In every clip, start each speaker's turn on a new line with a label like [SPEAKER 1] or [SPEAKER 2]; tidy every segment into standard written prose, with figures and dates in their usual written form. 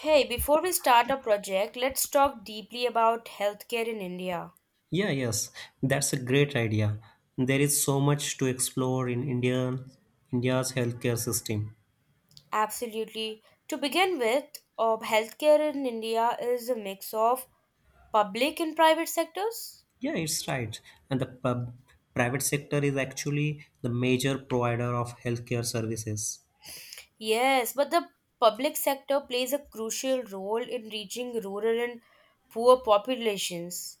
[SPEAKER 1] Hey, before we start a project, let's talk deeply about healthcare in India.
[SPEAKER 2] Yeah, yes, that's a great idea. There is so much to explore in India's healthcare system.
[SPEAKER 1] Absolutely. To begin with, healthcare in India is a mix of public and private sectors.
[SPEAKER 2] Yeah, it's right. And the private sector is actually the major provider of healthcare services.
[SPEAKER 1] Yes, but the public sector plays a crucial role in reaching rural and poor populations.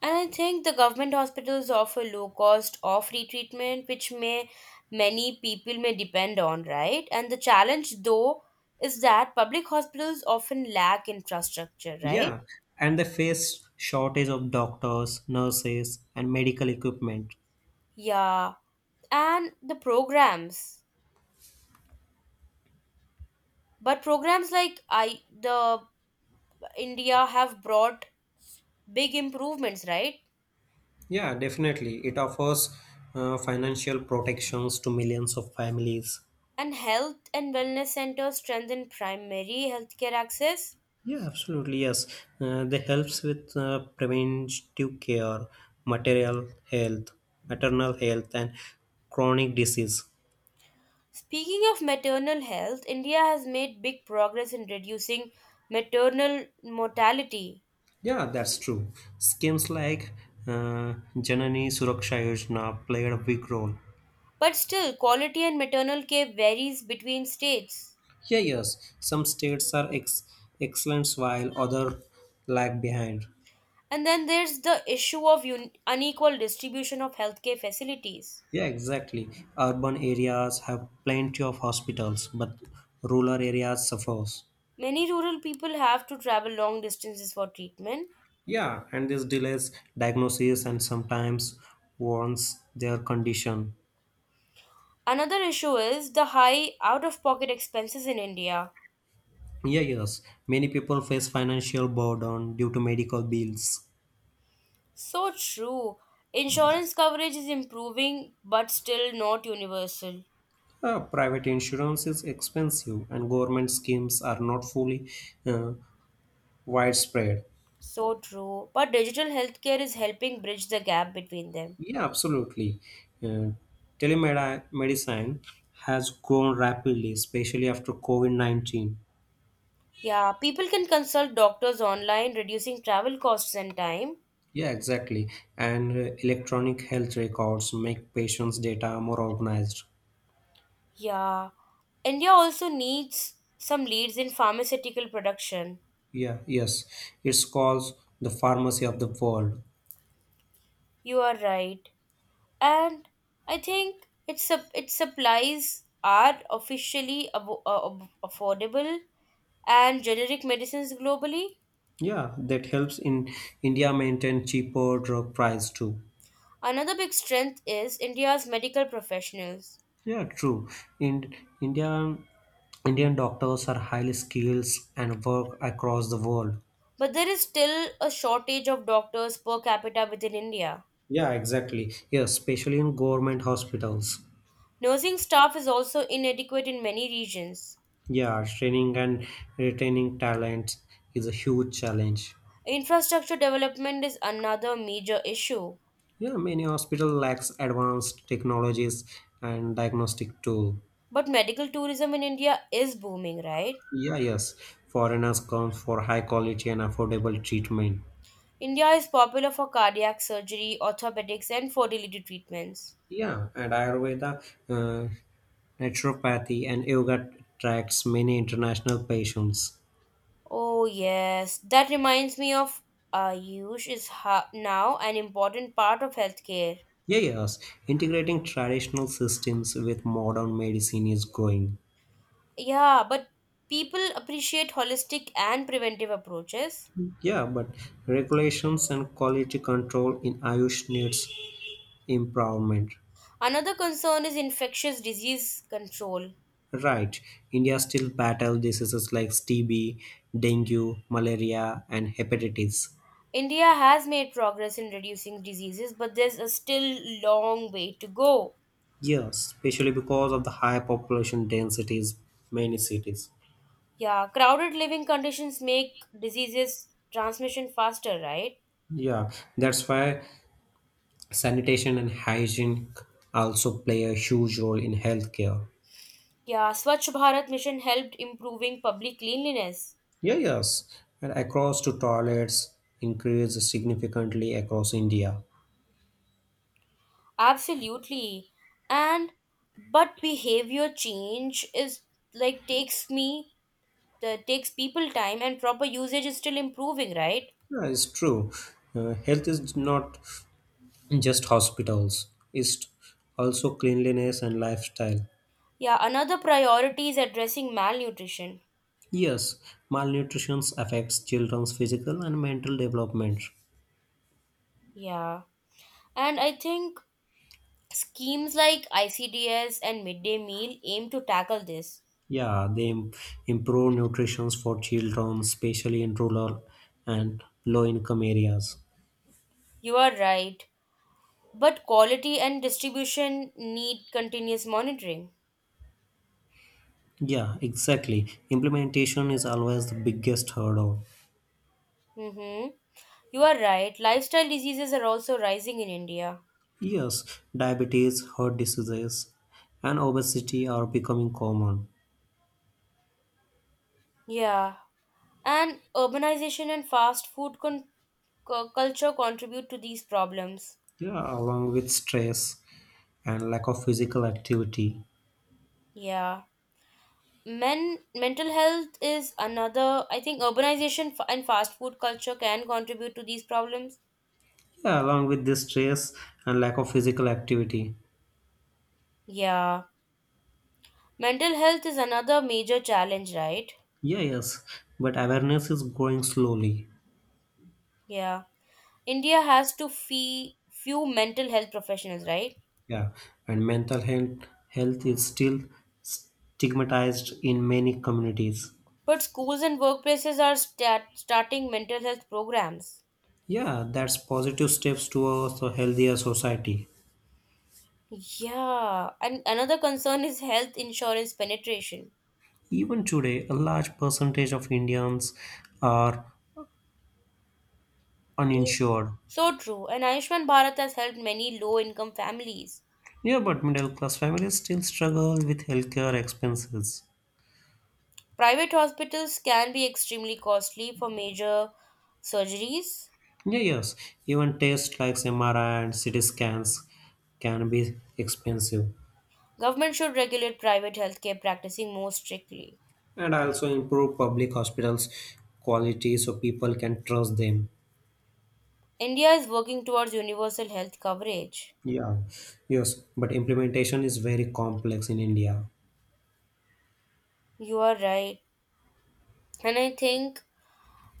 [SPEAKER 1] And I think the government hospitals offer low cost or free treatment, which may many people may depend on, right? And the challenge though is that public hospitals often lack infrastructure, right?
[SPEAKER 2] Yeah, and they face shortage of doctors, nurses, and medical equipment.
[SPEAKER 1] Yeah. And the programs. But programs like I the India have brought big improvements, right?
[SPEAKER 2] Yeah, definitely. It offers financial protections to millions of families.
[SPEAKER 1] And health and wellness centers strengthen primary healthcare access.
[SPEAKER 2] Yeah, absolutely. Yes, they helps with preventive care, material health, maternal health, and chronic disease.
[SPEAKER 1] Speaking of maternal health, India has made big progress in reducing maternal mortality.
[SPEAKER 2] Yeah, that's true. Schemes like Janani Suraksha Yojana played a big role.
[SPEAKER 1] But still, quality and maternal care varies between states.
[SPEAKER 2] Yeah, yes, some states are ex- excellent while other lag behind.
[SPEAKER 1] And then there's the issue of unequal distribution of healthcare facilities.
[SPEAKER 2] Yeah, exactly. Urban areas have plenty of hospitals, but rural areas suffers.
[SPEAKER 1] Many rural people have to travel long distances for treatment.
[SPEAKER 2] Yeah, and this delays diagnosis and sometimes warns their condition.
[SPEAKER 1] Another issue is the high out of pocket expenses in India.
[SPEAKER 2] Yeah, yes, many people face financial burden due to medical bills.
[SPEAKER 1] So true. Insurance coverage is improving but still not universal.
[SPEAKER 2] Private insurance is expensive, and government schemes are not fully uh, widespread.
[SPEAKER 1] So true. But digital healthcare is helping bridge the gap between them.
[SPEAKER 2] Yeah, absolutely. Uh, telemedicine has grown rapidly, especially after COVID 19.
[SPEAKER 1] Yeah, people can consult doctors online, reducing travel costs and time.
[SPEAKER 2] Yeah, exactly. And electronic health records make patients' data more organized.
[SPEAKER 1] Yeah. India also needs some leads in pharmaceutical production.
[SPEAKER 2] Yeah, yes. It's called the pharmacy of the world.
[SPEAKER 1] You are right. And I think its supplies are officially affordable and generic medicines globally.
[SPEAKER 2] Yeah, that helps in India maintain cheaper drug price too.
[SPEAKER 1] Another big strength is India's medical professionals.
[SPEAKER 2] Yeah, true. In India, Indian doctors are highly skilled and work across the world.
[SPEAKER 1] But there is still a shortage of doctors per capita within India.
[SPEAKER 2] Yeah, exactly. Yeah, especially in government hospitals.
[SPEAKER 1] Nursing staff is also inadequate in many regions.
[SPEAKER 2] Yeah, training and retaining talent is a huge challenge.
[SPEAKER 1] Infrastructure development is another major issue.
[SPEAKER 2] Yeah, many hospital lacks advanced technologies and diagnostic tool.
[SPEAKER 1] But medical tourism in India is booming, right?
[SPEAKER 2] Yeah, yes. Foreigners come for high quality and affordable treatment.
[SPEAKER 1] India is popular for cardiac surgery, orthopedics, and fertility treatments.
[SPEAKER 2] Yeah, and Ayurveda, uh, naturopathy, and yoga attracts many international patients.
[SPEAKER 1] Oh, yes, that reminds me of Ayush is now an important part of healthcare.
[SPEAKER 2] Yeah, yes. Integrating traditional systems with modern medicine is growing.
[SPEAKER 1] Yeah, but people appreciate holistic and preventive approaches.
[SPEAKER 2] Yeah, but regulations and quality control in Ayush needs improvement.
[SPEAKER 1] Another concern is infectious disease control.
[SPEAKER 2] Right. India still battle diseases like TB, dengue, malaria, and hepatitis.
[SPEAKER 1] India has made progress in reducing diseases, but there's a still long way to go.
[SPEAKER 2] Yes, especially because of the high population densities, many cities.
[SPEAKER 1] Yeah, crowded living conditions make diseases transmission faster, right?
[SPEAKER 2] Yeah, that's why sanitation and hygiene also play a huge role in healthcare.
[SPEAKER 1] Yeah, Swachh Bharat mission helped improving public cleanliness.
[SPEAKER 2] Yeah, yes, and across to toilets increase significantly across India.
[SPEAKER 1] Absolutely. And but behavior change is like takes me the takes people time and proper usage is still improving, right?
[SPEAKER 2] Yeah, it's true. Health is not just hospitals; it's also cleanliness and lifestyle.
[SPEAKER 1] Yeah, another priority is addressing malnutrition.
[SPEAKER 2] Yes, malnutrition affects children's physical and mental development.
[SPEAKER 1] Yeah. And I think schemes like ICDS and midday meal aim to tackle this.
[SPEAKER 2] Yeah, improve nutrition for children, especially in rural and low income areas.
[SPEAKER 1] You are right. But quality and distribution need continuous monitoring.
[SPEAKER 2] Yeah, exactly. Implementation is always the biggest hurdle.
[SPEAKER 1] Mm-hmm. You are right. Lifestyle diseases are also rising in India.
[SPEAKER 2] Yes, diabetes, heart diseases, and obesity are becoming common.
[SPEAKER 1] Yeah. And urbanization and fast food culture contribute to these problems.
[SPEAKER 2] Yeah, along with stress and lack of physical activity.
[SPEAKER 1] Yeah. Mental health is another. I think urbanization and fast food culture can contribute to these problems.
[SPEAKER 2] Yeah, along with this stress and lack of physical activity.
[SPEAKER 1] Yeah, mental health is another major challenge, right?
[SPEAKER 2] Yeah, yes, but awareness is growing slowly.
[SPEAKER 1] Yeah, India has to fee few mental health professionals, right?
[SPEAKER 2] Yeah, and mental health is still stigmatized in many communities.
[SPEAKER 1] But schools and workplaces are starting mental health programs.
[SPEAKER 2] Yeah, that's positive steps towards a healthier society.
[SPEAKER 1] Yeah. And another concern is health insurance penetration.
[SPEAKER 2] Even today, a large percentage of Indians are uninsured.
[SPEAKER 1] So true. And Ayushman Bharat has helped many low income families.
[SPEAKER 2] Yeah, but middle class families still struggle with healthcare expenses.
[SPEAKER 1] Private hospitals can be extremely costly for major surgeries.
[SPEAKER 2] Yeah, yes, even tests like MRI and CT scans can be expensive.
[SPEAKER 1] Government should regulate private healthcare practicing more strictly.
[SPEAKER 2] And also improve public hospitals' quality so people can trust them.
[SPEAKER 1] India is working towards universal health coverage.
[SPEAKER 2] Yeah, yes, but implementation is very complex in India.
[SPEAKER 1] You are right. And I think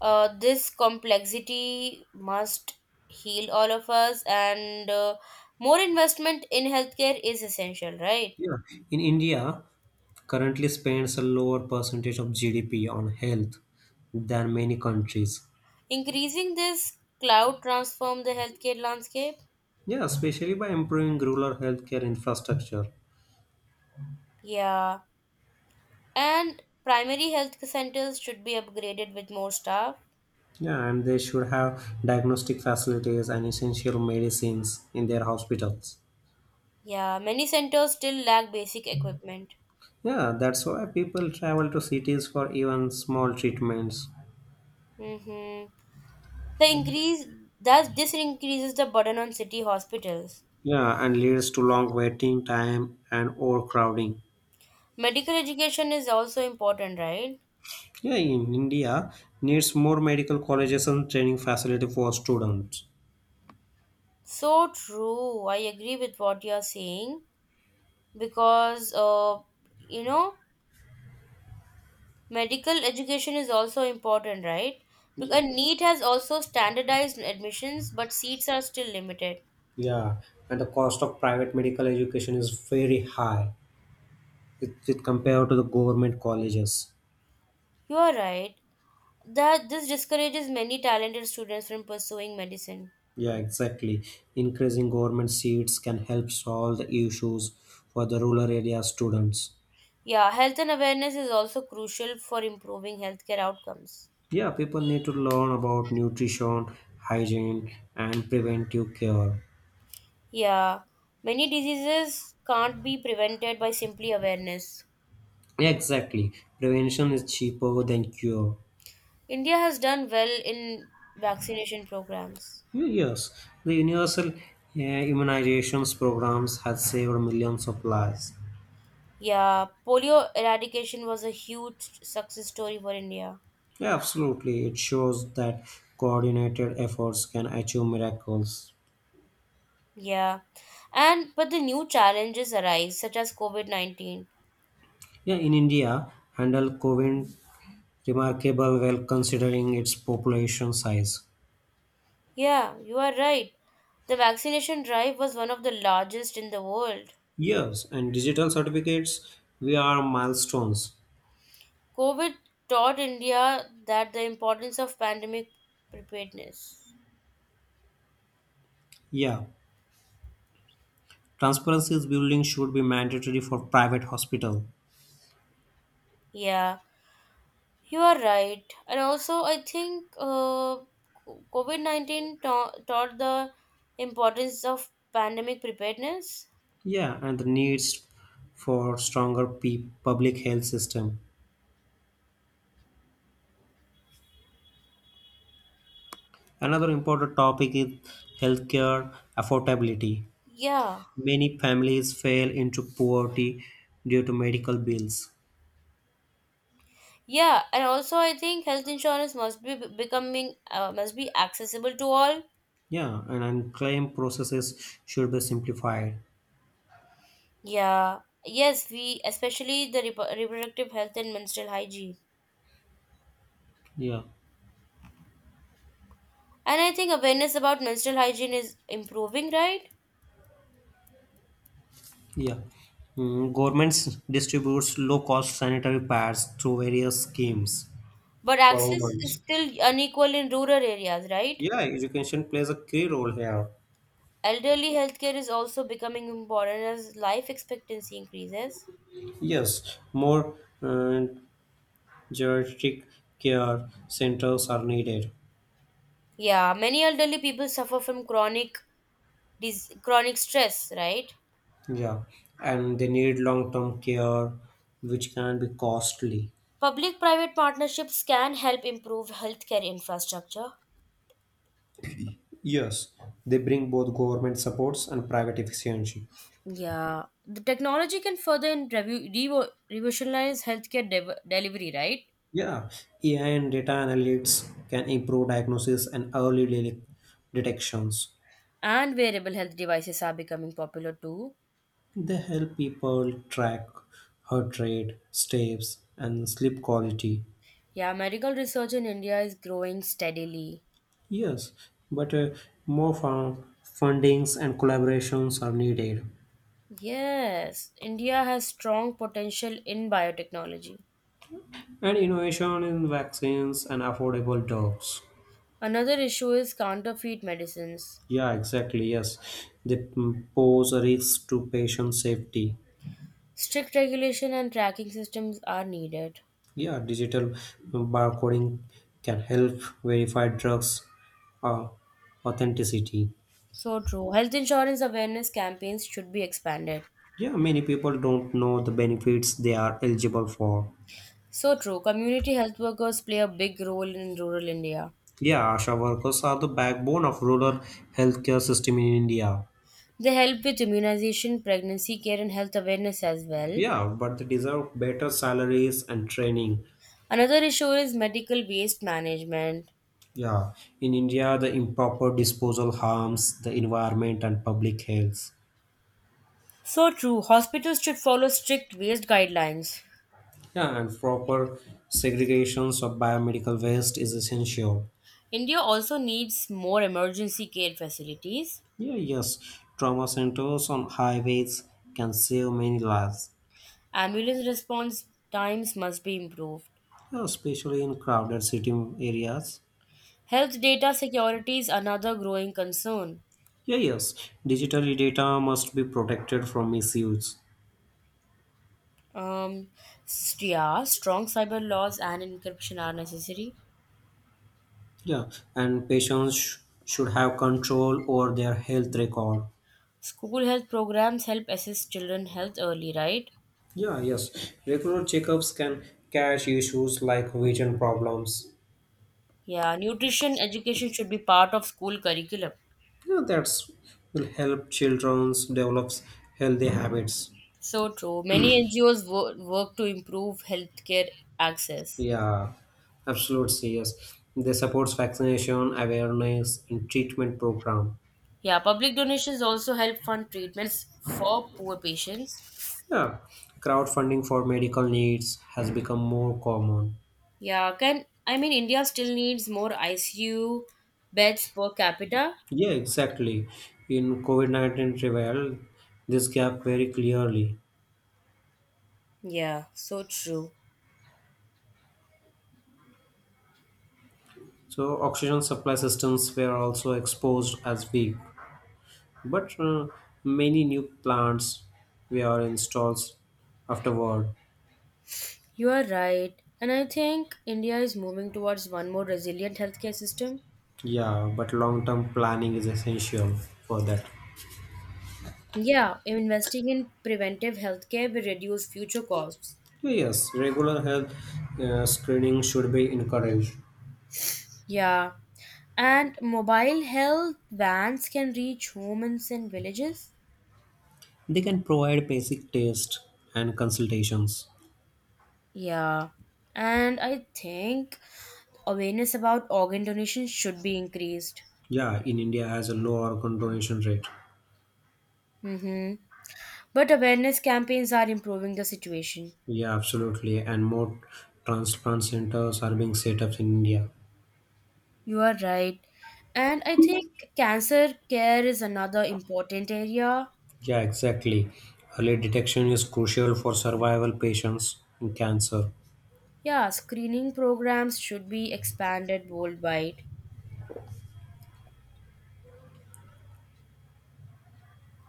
[SPEAKER 1] this complexity must heal all of us, and more investment in healthcare is essential, right?
[SPEAKER 2] Yeah, in India, currently spends a lower percentage of GDP on health than many countries.
[SPEAKER 1] Increasing this cloud transform the healthcare landscape.
[SPEAKER 2] Yeah, especially by improving rural healthcare infrastructure.
[SPEAKER 1] Yeah. And primary health centers should be upgraded with more staff.
[SPEAKER 2] Yeah, and they should have diagnostic facilities and essential medicines in their hospitals.
[SPEAKER 1] Yeah, many centers still lack basic equipment.
[SPEAKER 2] Yeah, that's why people travel to cities for even small treatments.
[SPEAKER 1] Mm-hmm. The increase Thus this increases the burden on city hospitals.
[SPEAKER 2] Yeah, and leads to long waiting time and overcrowding.
[SPEAKER 1] Medical education is also important, right?
[SPEAKER 2] Yeah, in India needs more medical colleges and training facility for students.
[SPEAKER 1] So true. I agree with what you're saying because you know medical education is also important, right?
[SPEAKER 2] Yeah,
[SPEAKER 1] Because NEET has also standardized admissions, but seats are still limited.
[SPEAKER 2] yeah, and the cost of private medical education is very high. It compared to the government colleges.
[SPEAKER 1] You are right. That this discourages many talented students from pursuing medicine.
[SPEAKER 2] Yeah, exactly. Increasing government seats can help solve the issues for the rural area students.
[SPEAKER 1] Yeah, health and awareness is also crucial for improving healthcare outcomes.
[SPEAKER 2] Yeah, people need to learn about nutrition, hygiene, and preventive care.
[SPEAKER 1] Yeah, many diseases can't be prevented by simply awareness.
[SPEAKER 2] Yeah, exactly. Prevention is cheaper than cure.
[SPEAKER 1] India has done well in vaccination programs.
[SPEAKER 2] Yes, the universal immunizations programs has saved millions of lives.
[SPEAKER 1] Yeah, polio eradication was a huge success story for India.
[SPEAKER 2] Yeah, absolutely. It shows that coordinated efforts can achieve miracles.
[SPEAKER 1] Yeah, and but the new challenges arise, such as COVID-19.
[SPEAKER 2] Yeah, in India, handle COVID remarkable well considering its population size.
[SPEAKER 1] Yeah, you are right. The vaccination drive was one of the largest in the world.
[SPEAKER 2] Yes, and digital certificates, we are milestones.
[SPEAKER 1] COVID taught India that the importance of pandemic preparedness.
[SPEAKER 2] Yeah, transparency is building should be mandatory for private hospital.
[SPEAKER 1] Yeah, you are right. And also, I think COVID-19 taught the importance of pandemic preparedness.
[SPEAKER 2] Yeah, and the needs for public health system. Another important topic is healthcare affordability.
[SPEAKER 1] Yeah,
[SPEAKER 2] Many families fail into poverty due to medical bills.
[SPEAKER 1] yeah, and also I think health insurance must be accessible to all.
[SPEAKER 2] Yeah, and claim processes should be simplified.
[SPEAKER 1] Yeah, yes, we especially the reproductive health and menstrual hygiene.
[SPEAKER 2] Yeah,
[SPEAKER 1] And I think awareness about menstrual hygiene is improving, right?
[SPEAKER 2] yeah. Mm, governments distributes low-cost sanitary pads through various schemes
[SPEAKER 1] But
[SPEAKER 2] for all
[SPEAKER 1] access is
[SPEAKER 2] months.
[SPEAKER 1] still unequal in rural areas, right?
[SPEAKER 2] Yeah, education plays a key role here.
[SPEAKER 1] Elderly healthcare is also becoming important as life expectancy increases.
[SPEAKER 2] Yes, more uh, geriatric care centers are needed.
[SPEAKER 1] Yeah, many elderly people suffer from chronic stress, right?
[SPEAKER 2] Yeah, and they need long-term care, which can be costly.
[SPEAKER 1] Public private partnerships can help improve healthcare infrastructure.
[SPEAKER 2] Yes, they bring both government supports and private efficiency.
[SPEAKER 1] Yeah, the technology can further in revolutionize healthcare delivery, right?
[SPEAKER 2] Yeah, AI and data analytics can improve diagnosis and detections.
[SPEAKER 1] And wearable health devices are becoming popular too.
[SPEAKER 2] They help people track heart rate, steps, and sleep quality.
[SPEAKER 1] Yeah, medical research in India is growing steadily.
[SPEAKER 2] Yes, but more fundings and collaborations are needed,
[SPEAKER 1] Yes, India has strong potential in biotechnology.
[SPEAKER 2] and innovation in vaccines and affordable drugs.
[SPEAKER 1] Another issue is counterfeit medicines.
[SPEAKER 2] Yeah, exactly. Yes, they mm, pose a risk to patient safety.
[SPEAKER 1] Strict regulation and tracking systems are needed.
[SPEAKER 2] Yeah, digital barcoding can help verify drugs uh, authenticity.
[SPEAKER 1] So true. Health insurance awareness campaigns should be expanded.
[SPEAKER 2] Yeah, many people don't know the benefits they are eligible for.
[SPEAKER 1] So true. Community health workers play a big role in rural India.
[SPEAKER 2] Yeah, ASHA workers are the backbone of rural healthcare system in India.
[SPEAKER 1] They help with immunization, pregnancy care, and health awareness as well.
[SPEAKER 2] Yeah, but they deserve better salaries and training.
[SPEAKER 1] Another issue is medical waste management.
[SPEAKER 2] Yeah, in India, the improper disposal harms the environment and public health.
[SPEAKER 1] So true, hospitals should follow strict waste guidelines.
[SPEAKER 2] Yeah, and proper segregations of biomedical waste is essential.
[SPEAKER 1] India also needs more emergency care facilities.
[SPEAKER 2] Yeah, yes, trauma centers on highways can save many lives,
[SPEAKER 1] Ambulance response times must be improved.
[SPEAKER 2] yeah, especially in crowded city areas.
[SPEAKER 1] Health data security is another growing concern.
[SPEAKER 2] Yeah, yes, digital data must be protected from misuse.
[SPEAKER 1] Um, yeah, strong cyber laws and encryption are necessary.
[SPEAKER 2] Yeah, and should have control over their health record.
[SPEAKER 1] School health programs help assess children health early, right?
[SPEAKER 2] Yeah, yes, regular checkups can catch issues like vision problems.
[SPEAKER 1] Yeah, nutrition education should be part of school curriculum.
[SPEAKER 2] Yeah, that's will help childrens develops healthy habits.
[SPEAKER 1] So true. Many NGOs work to improve healthcare access.
[SPEAKER 2] Yeah, absolutely yes. They supports vaccination awareness and treatment program.
[SPEAKER 1] Yeah, public donations also help fund treatments for poor patients.
[SPEAKER 2] Yeah, crowdfunding for medical needs has become more common.
[SPEAKER 1] Yeah, can I mean India still needs more ICU beds per capita?
[SPEAKER 2] Yeah, exactly. In COVID 19 revealed this gap very clearly.
[SPEAKER 1] Yeah, so true.
[SPEAKER 2] So oxygen supply systems were also exposed as weak, but many new plants were installed afterward.
[SPEAKER 1] You are right. And I think India is moving towards one more resilient healthcare system.
[SPEAKER 2] Yeah, but long-term planning is essential for that.
[SPEAKER 1] Yeah, investing in preventive healthcare will reduce future costs.
[SPEAKER 2] So, yes, regular health screening should be encouraged.
[SPEAKER 1] Yeah. And mobile health vans can reach homes and villages.
[SPEAKER 2] They can provide basic tests and consultations.
[SPEAKER 1] Yeah. And I think awareness about organ donation should be increased.
[SPEAKER 2] Yeah, in India has a low organ donation rate.
[SPEAKER 1] Hmm. But awareness campaigns are improving the situation.
[SPEAKER 2] Yeah, absolutely, and more transplant centers are being set up in India.
[SPEAKER 1] You are right. And I think cancer care is another important area.
[SPEAKER 2] Yeah, exactly. Early detection is crucial for survival patients in cancer.
[SPEAKER 1] Yeah, screening programs should be expanded worldwide,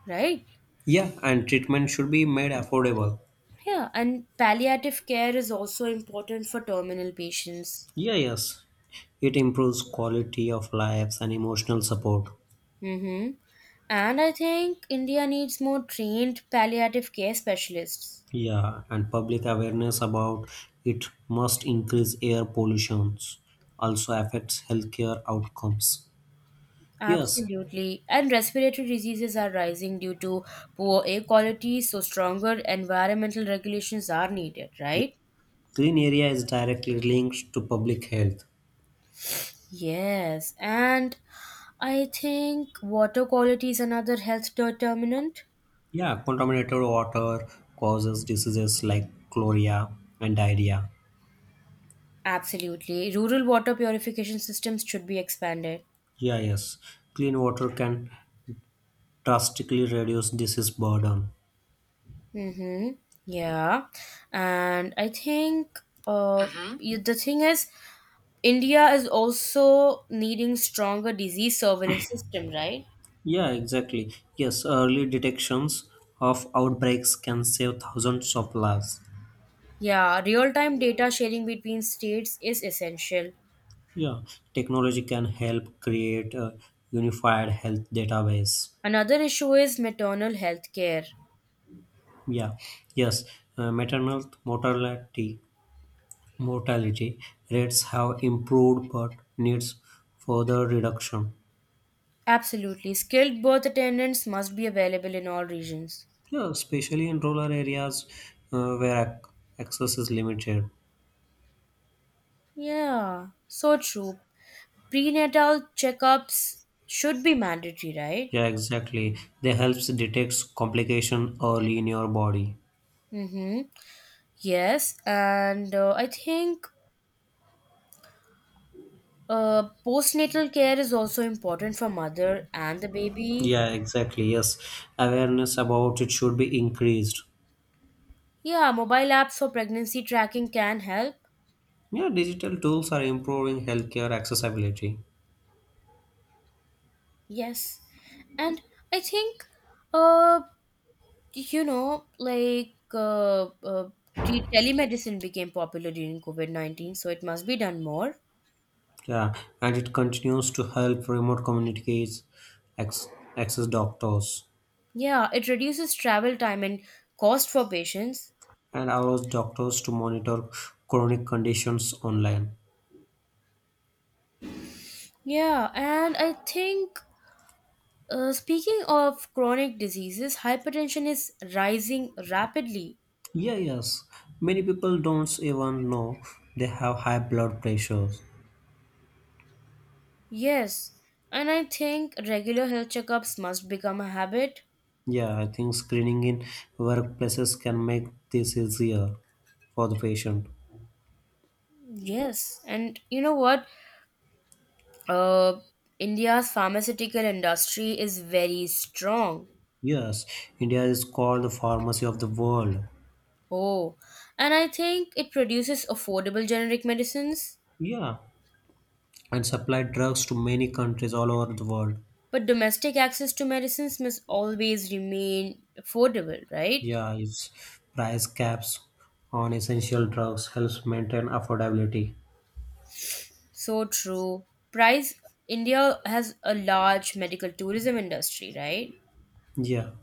[SPEAKER 1] right?
[SPEAKER 2] Yeah, and treatment should be made affordable.
[SPEAKER 1] Yeah, and palliative care is also important for terminal patients.
[SPEAKER 2] Yeah, yes. It improves quality of lives and emotional support.
[SPEAKER 1] Mm-hmm. And I think India needs more trained palliative care specialists.
[SPEAKER 2] Yeah, and public awareness about it must increase air pollution. Also affects healthcare outcomes. Yes,
[SPEAKER 1] Absolutely. And respiratory diseases are rising due to poor air quality, so stronger environmental regulations are needed,
[SPEAKER 2] yeah,
[SPEAKER 1] right?
[SPEAKER 2] clean area is directly linked to public health.
[SPEAKER 1] Yes. And I think water quality is another health determinant.
[SPEAKER 2] Yeah, contaminated water causes diseases like cholera and diarrhea.
[SPEAKER 1] Absolutely. Rural water purification systems should be expanded.
[SPEAKER 2] Yeah, yes, clean water can drastically reduce disease burden.
[SPEAKER 1] Mm-hmm. Yeah. And I think the thing is, India is also needing stronger disease surveillance system, right?
[SPEAKER 2] Yeah, exactly. Yes, early detections of outbreaks can save thousands of lives.
[SPEAKER 1] Yeah, real time data sharing between states is essential.
[SPEAKER 2] Yeah, technology can help create a unified health database.
[SPEAKER 1] Another issue is maternal health care.
[SPEAKER 2] Yeah, yes, maternal mortality rates have improved but needs further reduction.
[SPEAKER 1] Absolutely. Skilled birth attendants must be available in all regions.
[SPEAKER 2] Yeah, especially in rural areas where ac- access is limited.
[SPEAKER 1] Yeah, so true. Prenatal checkups should be mandatory, right?
[SPEAKER 2] Yeah, exactly. They helps detect complication early in your body.
[SPEAKER 1] Mm-hmm. Yes, and I think postnatal care is also important for mother and the baby.
[SPEAKER 2] Yeah, exactly. Yes, awareness about it should be increased.
[SPEAKER 1] Yeah, mobile apps for pregnancy tracking can help.
[SPEAKER 2] Yeah, digital tools are improving healthcare accessibility.
[SPEAKER 1] Yes. And I think, uh, like telemedicine became popular during COVID-19, so it must be done more.
[SPEAKER 2] Yeah, and it continues to help remote communities ex access doctors
[SPEAKER 1] Yeah, it reduces travel time and cost for patients.
[SPEAKER 2] and allows doctors to monitor chronic conditions online.
[SPEAKER 1] Yeah, and I think, speaking of chronic diseases, hypertension is rising rapidly.
[SPEAKER 2] Yeah, yes. Many people don't even know they have high blood pressures.
[SPEAKER 1] Yes, and I think regular health checkups must become a habit.
[SPEAKER 2] Yeah, I think screening in workplaces can make this easier for the patient.
[SPEAKER 1] Yes, and you know what? Uh, India's pharmaceutical industry is very strong.
[SPEAKER 2] Yes, India is called the pharmacy of the world.
[SPEAKER 1] Oh, and I think it produces affordable generic medicines.
[SPEAKER 2] Yeah, and supply drugs to many countries all over the world.
[SPEAKER 1] But domestic access to medicines must always remain affordable, right?
[SPEAKER 2] Yeah, its price caps on essential drugs helps maintain affordability.
[SPEAKER 1] So true. Price India has a large medical tourism industry, right?
[SPEAKER 2] Yeah,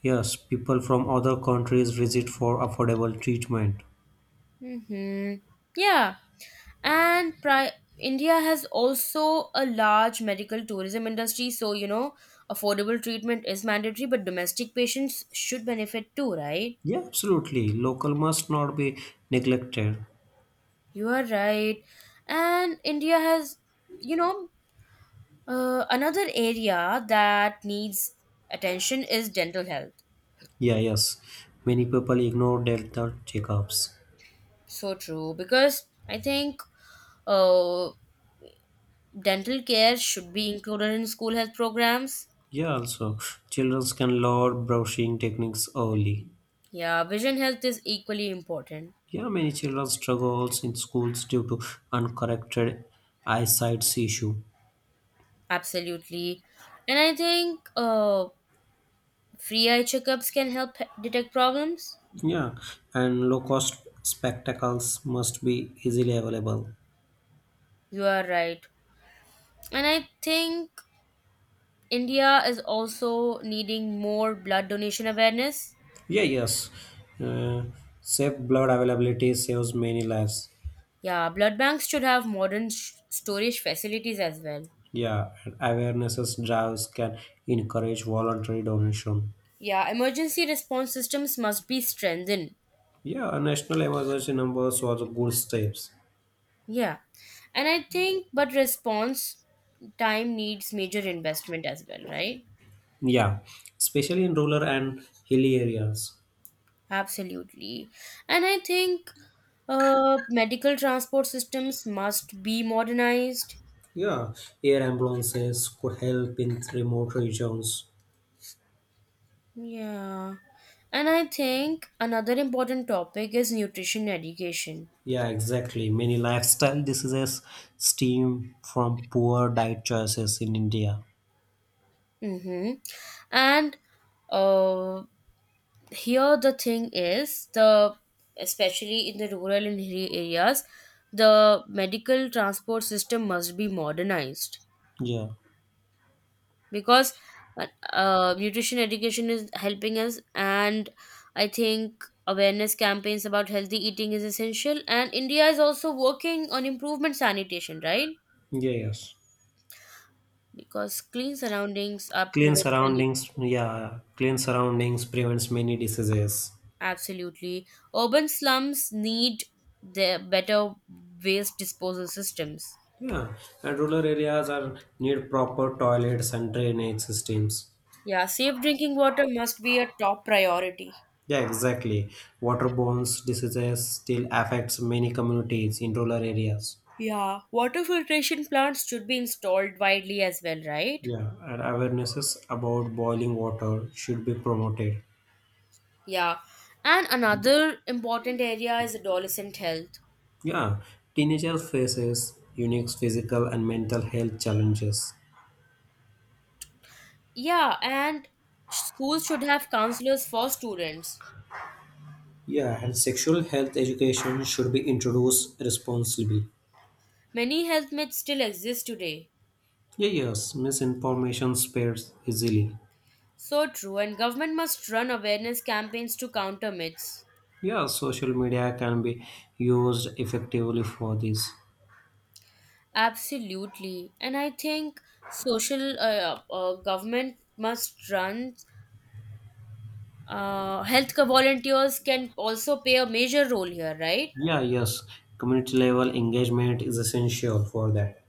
[SPEAKER 2] yes, people from other countries visit for affordable treatment.
[SPEAKER 1] Hmm. Yeah. And India has also a large medical tourism industry, so affordable treatment is mandatory, but domestic patients should benefit too, right?
[SPEAKER 2] Yeah, absolutely. Local must not be neglected.
[SPEAKER 1] You are right. And India has, you know, another area that needs attention is dental health.
[SPEAKER 2] Yeah, yes. Many people ignore dental checkups.
[SPEAKER 1] So true, because I think uh, dental care should be included in school health programs.
[SPEAKER 2] Yeah, also, children can learn brushing techniques early.
[SPEAKER 1] Yeah, vision health is equally important.
[SPEAKER 2] Yeah, many children struggles in schools due to uncorrected eyesight issue.
[SPEAKER 1] Absolutely. And I think free eye checkups can help detect problems.
[SPEAKER 2] Yeah, and low cost spectacles must be easily available.
[SPEAKER 1] You are right. And I think India is also needing more blood donation awareness.
[SPEAKER 2] Yeah, yes. Uh, safe blood availability saves many lives.
[SPEAKER 1] Yeah, blood banks should have modern storage facilities as well.
[SPEAKER 2] Yeah, and awarenesses drives can encourage voluntary donation.
[SPEAKER 1] Yeah, emergency response systems must be strengthened.
[SPEAKER 2] Yeah, a national emergency numbers was a good steps.
[SPEAKER 1] Yeah. And I think, but response time needs major investment as well, right?
[SPEAKER 2] Yeah, especially in rural and hilly areas.
[SPEAKER 1] Absolutely. And I think medical transport systems must be modernized.
[SPEAKER 2] Yeah, air ambulances could help in remote regions.
[SPEAKER 1] Yeah. And I think another important topic is nutrition education.
[SPEAKER 2] Yeah, exactly. Many lifestyle diseases stem from poor diet choices in India.
[SPEAKER 1] Mm-hmm. And uh, here the thing is the especially in the rural and hilly areas, the medical transport system must be modernized
[SPEAKER 2] Yeah.
[SPEAKER 1] because uh, nutrition education is helping us. And I think awareness campaigns about healthy eating is essential. And India is also working on improvement sanitation, right?
[SPEAKER 2] Yeah, yes.
[SPEAKER 1] Because clean surroundings are
[SPEAKER 2] Clean
[SPEAKER 1] prevent many—
[SPEAKER 2] surroundings, yeah, clean surroundings prevents many diseases.
[SPEAKER 1] Absolutely. Urban slums need the better waste disposal systems.
[SPEAKER 2] Yeah, and rural areas are need proper toilets and drainage systems.
[SPEAKER 1] Yeah, safe drinking water must be a top priority.
[SPEAKER 2] Yeah, exactly. Waterborne diseases still affects many communities in rural areas.
[SPEAKER 1] Yeah, water filtration plants should be installed widely as well, right?
[SPEAKER 2] Yeah, and awarenesses about boiling water should be promoted.
[SPEAKER 1] Yeah. And another important area is adolescent health.
[SPEAKER 2] Yeah, teenagers faces unique physical and mental health challenges.
[SPEAKER 1] Yeah, and schools should have counselors for students.
[SPEAKER 2] Yeah, and sexual health education should be introduced responsibly.
[SPEAKER 1] Many health myths still exist today.
[SPEAKER 2] Yeah, yes, misinformation spreads easily.
[SPEAKER 1] So true, and government must run awareness campaigns to counter myths.
[SPEAKER 2] Yeah, social media can be used effectively for this.
[SPEAKER 1] Absolutely. And I think social government must run volunteers can also play a major role here, right?
[SPEAKER 2] Yeah, yes, community level engagement is essential for that.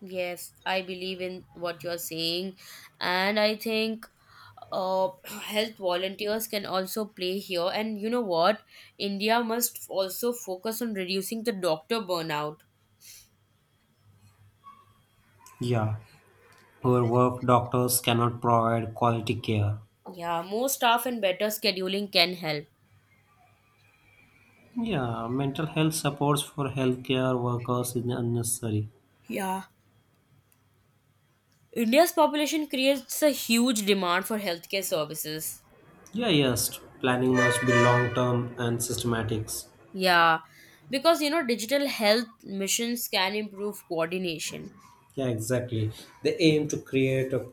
[SPEAKER 1] Yes, I believe in what you're saying, and I think health volunteers can also play here. And you know what? India must also focus on reducing the doctor burnout.
[SPEAKER 2] Yeah, our work doctors cannot provide quality care.
[SPEAKER 1] Yeah, more staff and better scheduling can help.
[SPEAKER 2] Yeah, mental health supports for healthcare workers is unnecessary.
[SPEAKER 1] Yeah. India's population creates a huge demand for healthcare services.
[SPEAKER 2] Yeah, yes, planning must be long term and systematics.
[SPEAKER 1] Yeah. Because, digital health missions can improve coordination.
[SPEAKER 2] Yeah, exactly. They aim to create a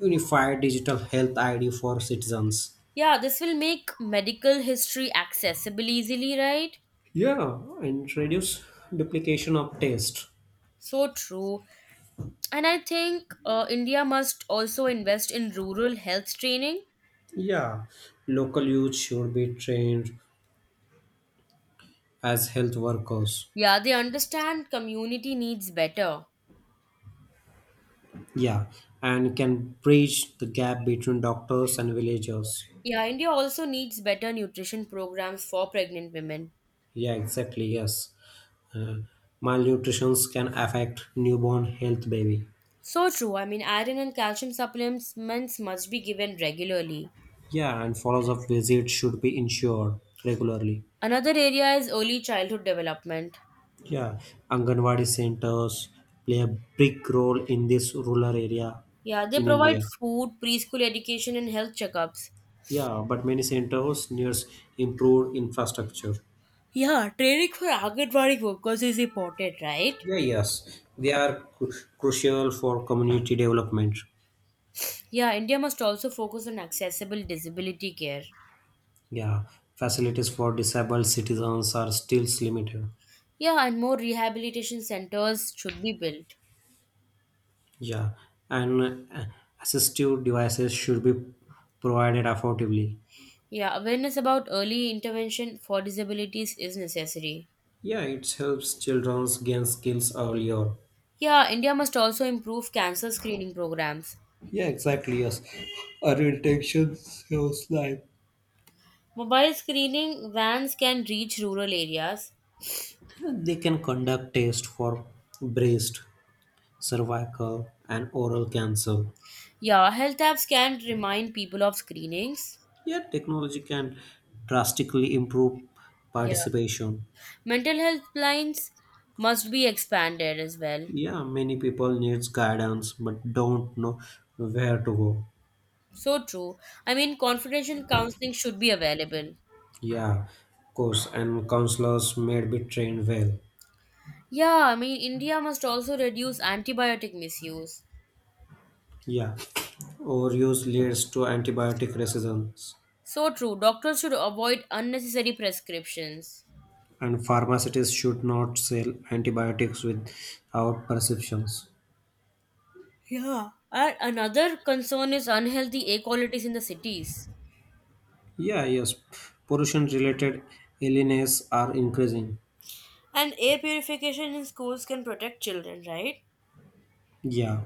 [SPEAKER 2] unified digital health ID for citizens.
[SPEAKER 1] Yeah, this will make medical history accessible easily, right?
[SPEAKER 2] Yeah, and reduce duplication of tests.
[SPEAKER 1] So true. And I think India must also invest in rural health training.
[SPEAKER 2] Yeah, local youth should be trained as health workers.
[SPEAKER 1] Yeah, they understand community needs better.
[SPEAKER 2] Yeah, and can bridge the gap between doctors and villagers.
[SPEAKER 1] Yeah, India also needs better nutrition programs for pregnant women.
[SPEAKER 2] Yeah, exactly, yes. uh, Malnutrition can affect newborn health baby.
[SPEAKER 1] So true. I mean, iron and calcium supplements must be given regularly.
[SPEAKER 2] Yeah, and follow-up visits should be ensured regularly.
[SPEAKER 1] Another area is early childhood development.
[SPEAKER 2] Yeah, anganwadi centers play a big role in this rural area
[SPEAKER 1] Yeah, they
[SPEAKER 2] in
[SPEAKER 1] provide
[SPEAKER 2] India.
[SPEAKER 1] food, preschool education, and health checkups.
[SPEAKER 2] Yeah, but many centers needs improved infrastructure.
[SPEAKER 1] Yeah, training for Anganwadi workers is important, right?
[SPEAKER 2] Yeah, yes, crucial for community development.
[SPEAKER 1] Yeah, India must also focus on accessible disability care.
[SPEAKER 2] Yeah, facilities for disabled citizens are still limited.
[SPEAKER 1] Yeah, and more rehabilitation centers should be built.
[SPEAKER 2] Yeah, and assistive devices should be provided affordably.
[SPEAKER 1] Yeah, awareness about early intervention for disabilities is necessary.
[SPEAKER 2] Yeah, it helps children gain skills earlier.
[SPEAKER 1] Yeah, India must also improve cancer screening programs.
[SPEAKER 2] Yeah, exactly. Yes, our intention shows life.
[SPEAKER 1] Mobile screening vans can reach rural areas.
[SPEAKER 2] They can conduct tests for breast, cervical, and oral cancer.
[SPEAKER 1] Yeah, health apps can remind people of screenings.
[SPEAKER 2] Yeah, technology can drastically improve
[SPEAKER 1] Yeah,
[SPEAKER 2] participation.
[SPEAKER 1] mental health lines must be expanded as well.
[SPEAKER 2] Yeah, many people needs guidance but don't know where to go.
[SPEAKER 1] So true. I mean, confidential counseling should be available.
[SPEAKER 2] Yeah, of course, and counselors may be trained well.
[SPEAKER 1] Yeah, I mean, India must also reduce antibiotic misuse.
[SPEAKER 2] Yeah, overuse leads to antibiotic resistance,
[SPEAKER 1] So true. Doctors should avoid unnecessary prescriptions.
[SPEAKER 2] and pharmacists should not sell antibiotics without prescriptions.
[SPEAKER 1] Huh. And another concern is unhealthy air qualities in the cities.
[SPEAKER 2] Yeah, yes, pollution-related illnesses are increasing.
[SPEAKER 1] And air purification in schools can protect children, right?
[SPEAKER 2] Yeah,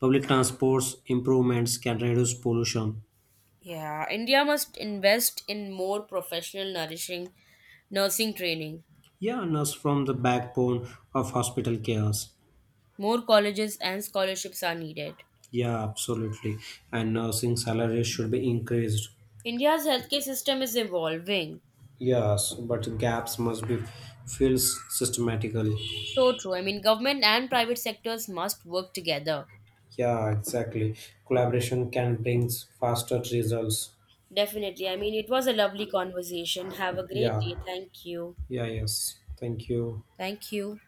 [SPEAKER 2] public transports improvements can reduce pollution.
[SPEAKER 1] Yeah, India must invest in more professional nourishing nursing training.
[SPEAKER 2] Yeah, nurse from the backbone of hospital cares.
[SPEAKER 1] More colleges and scholarships are needed.
[SPEAKER 2] Yeah, absolutely, and nursing salaries should be increased.
[SPEAKER 1] India's healthcare system is evolving.
[SPEAKER 2] Yes, but gaps must be filled systematically.
[SPEAKER 1] So true. I mean, government and private sectors must work together.
[SPEAKER 2] Yeah, exactly. Collaboration can bring faster results.
[SPEAKER 1] Definitely. I mean, it was a lovely conversation. Have a great
[SPEAKER 2] Yeah,
[SPEAKER 1] day. Thank you.
[SPEAKER 2] yeah, yes. Thank you.
[SPEAKER 1] Thank you.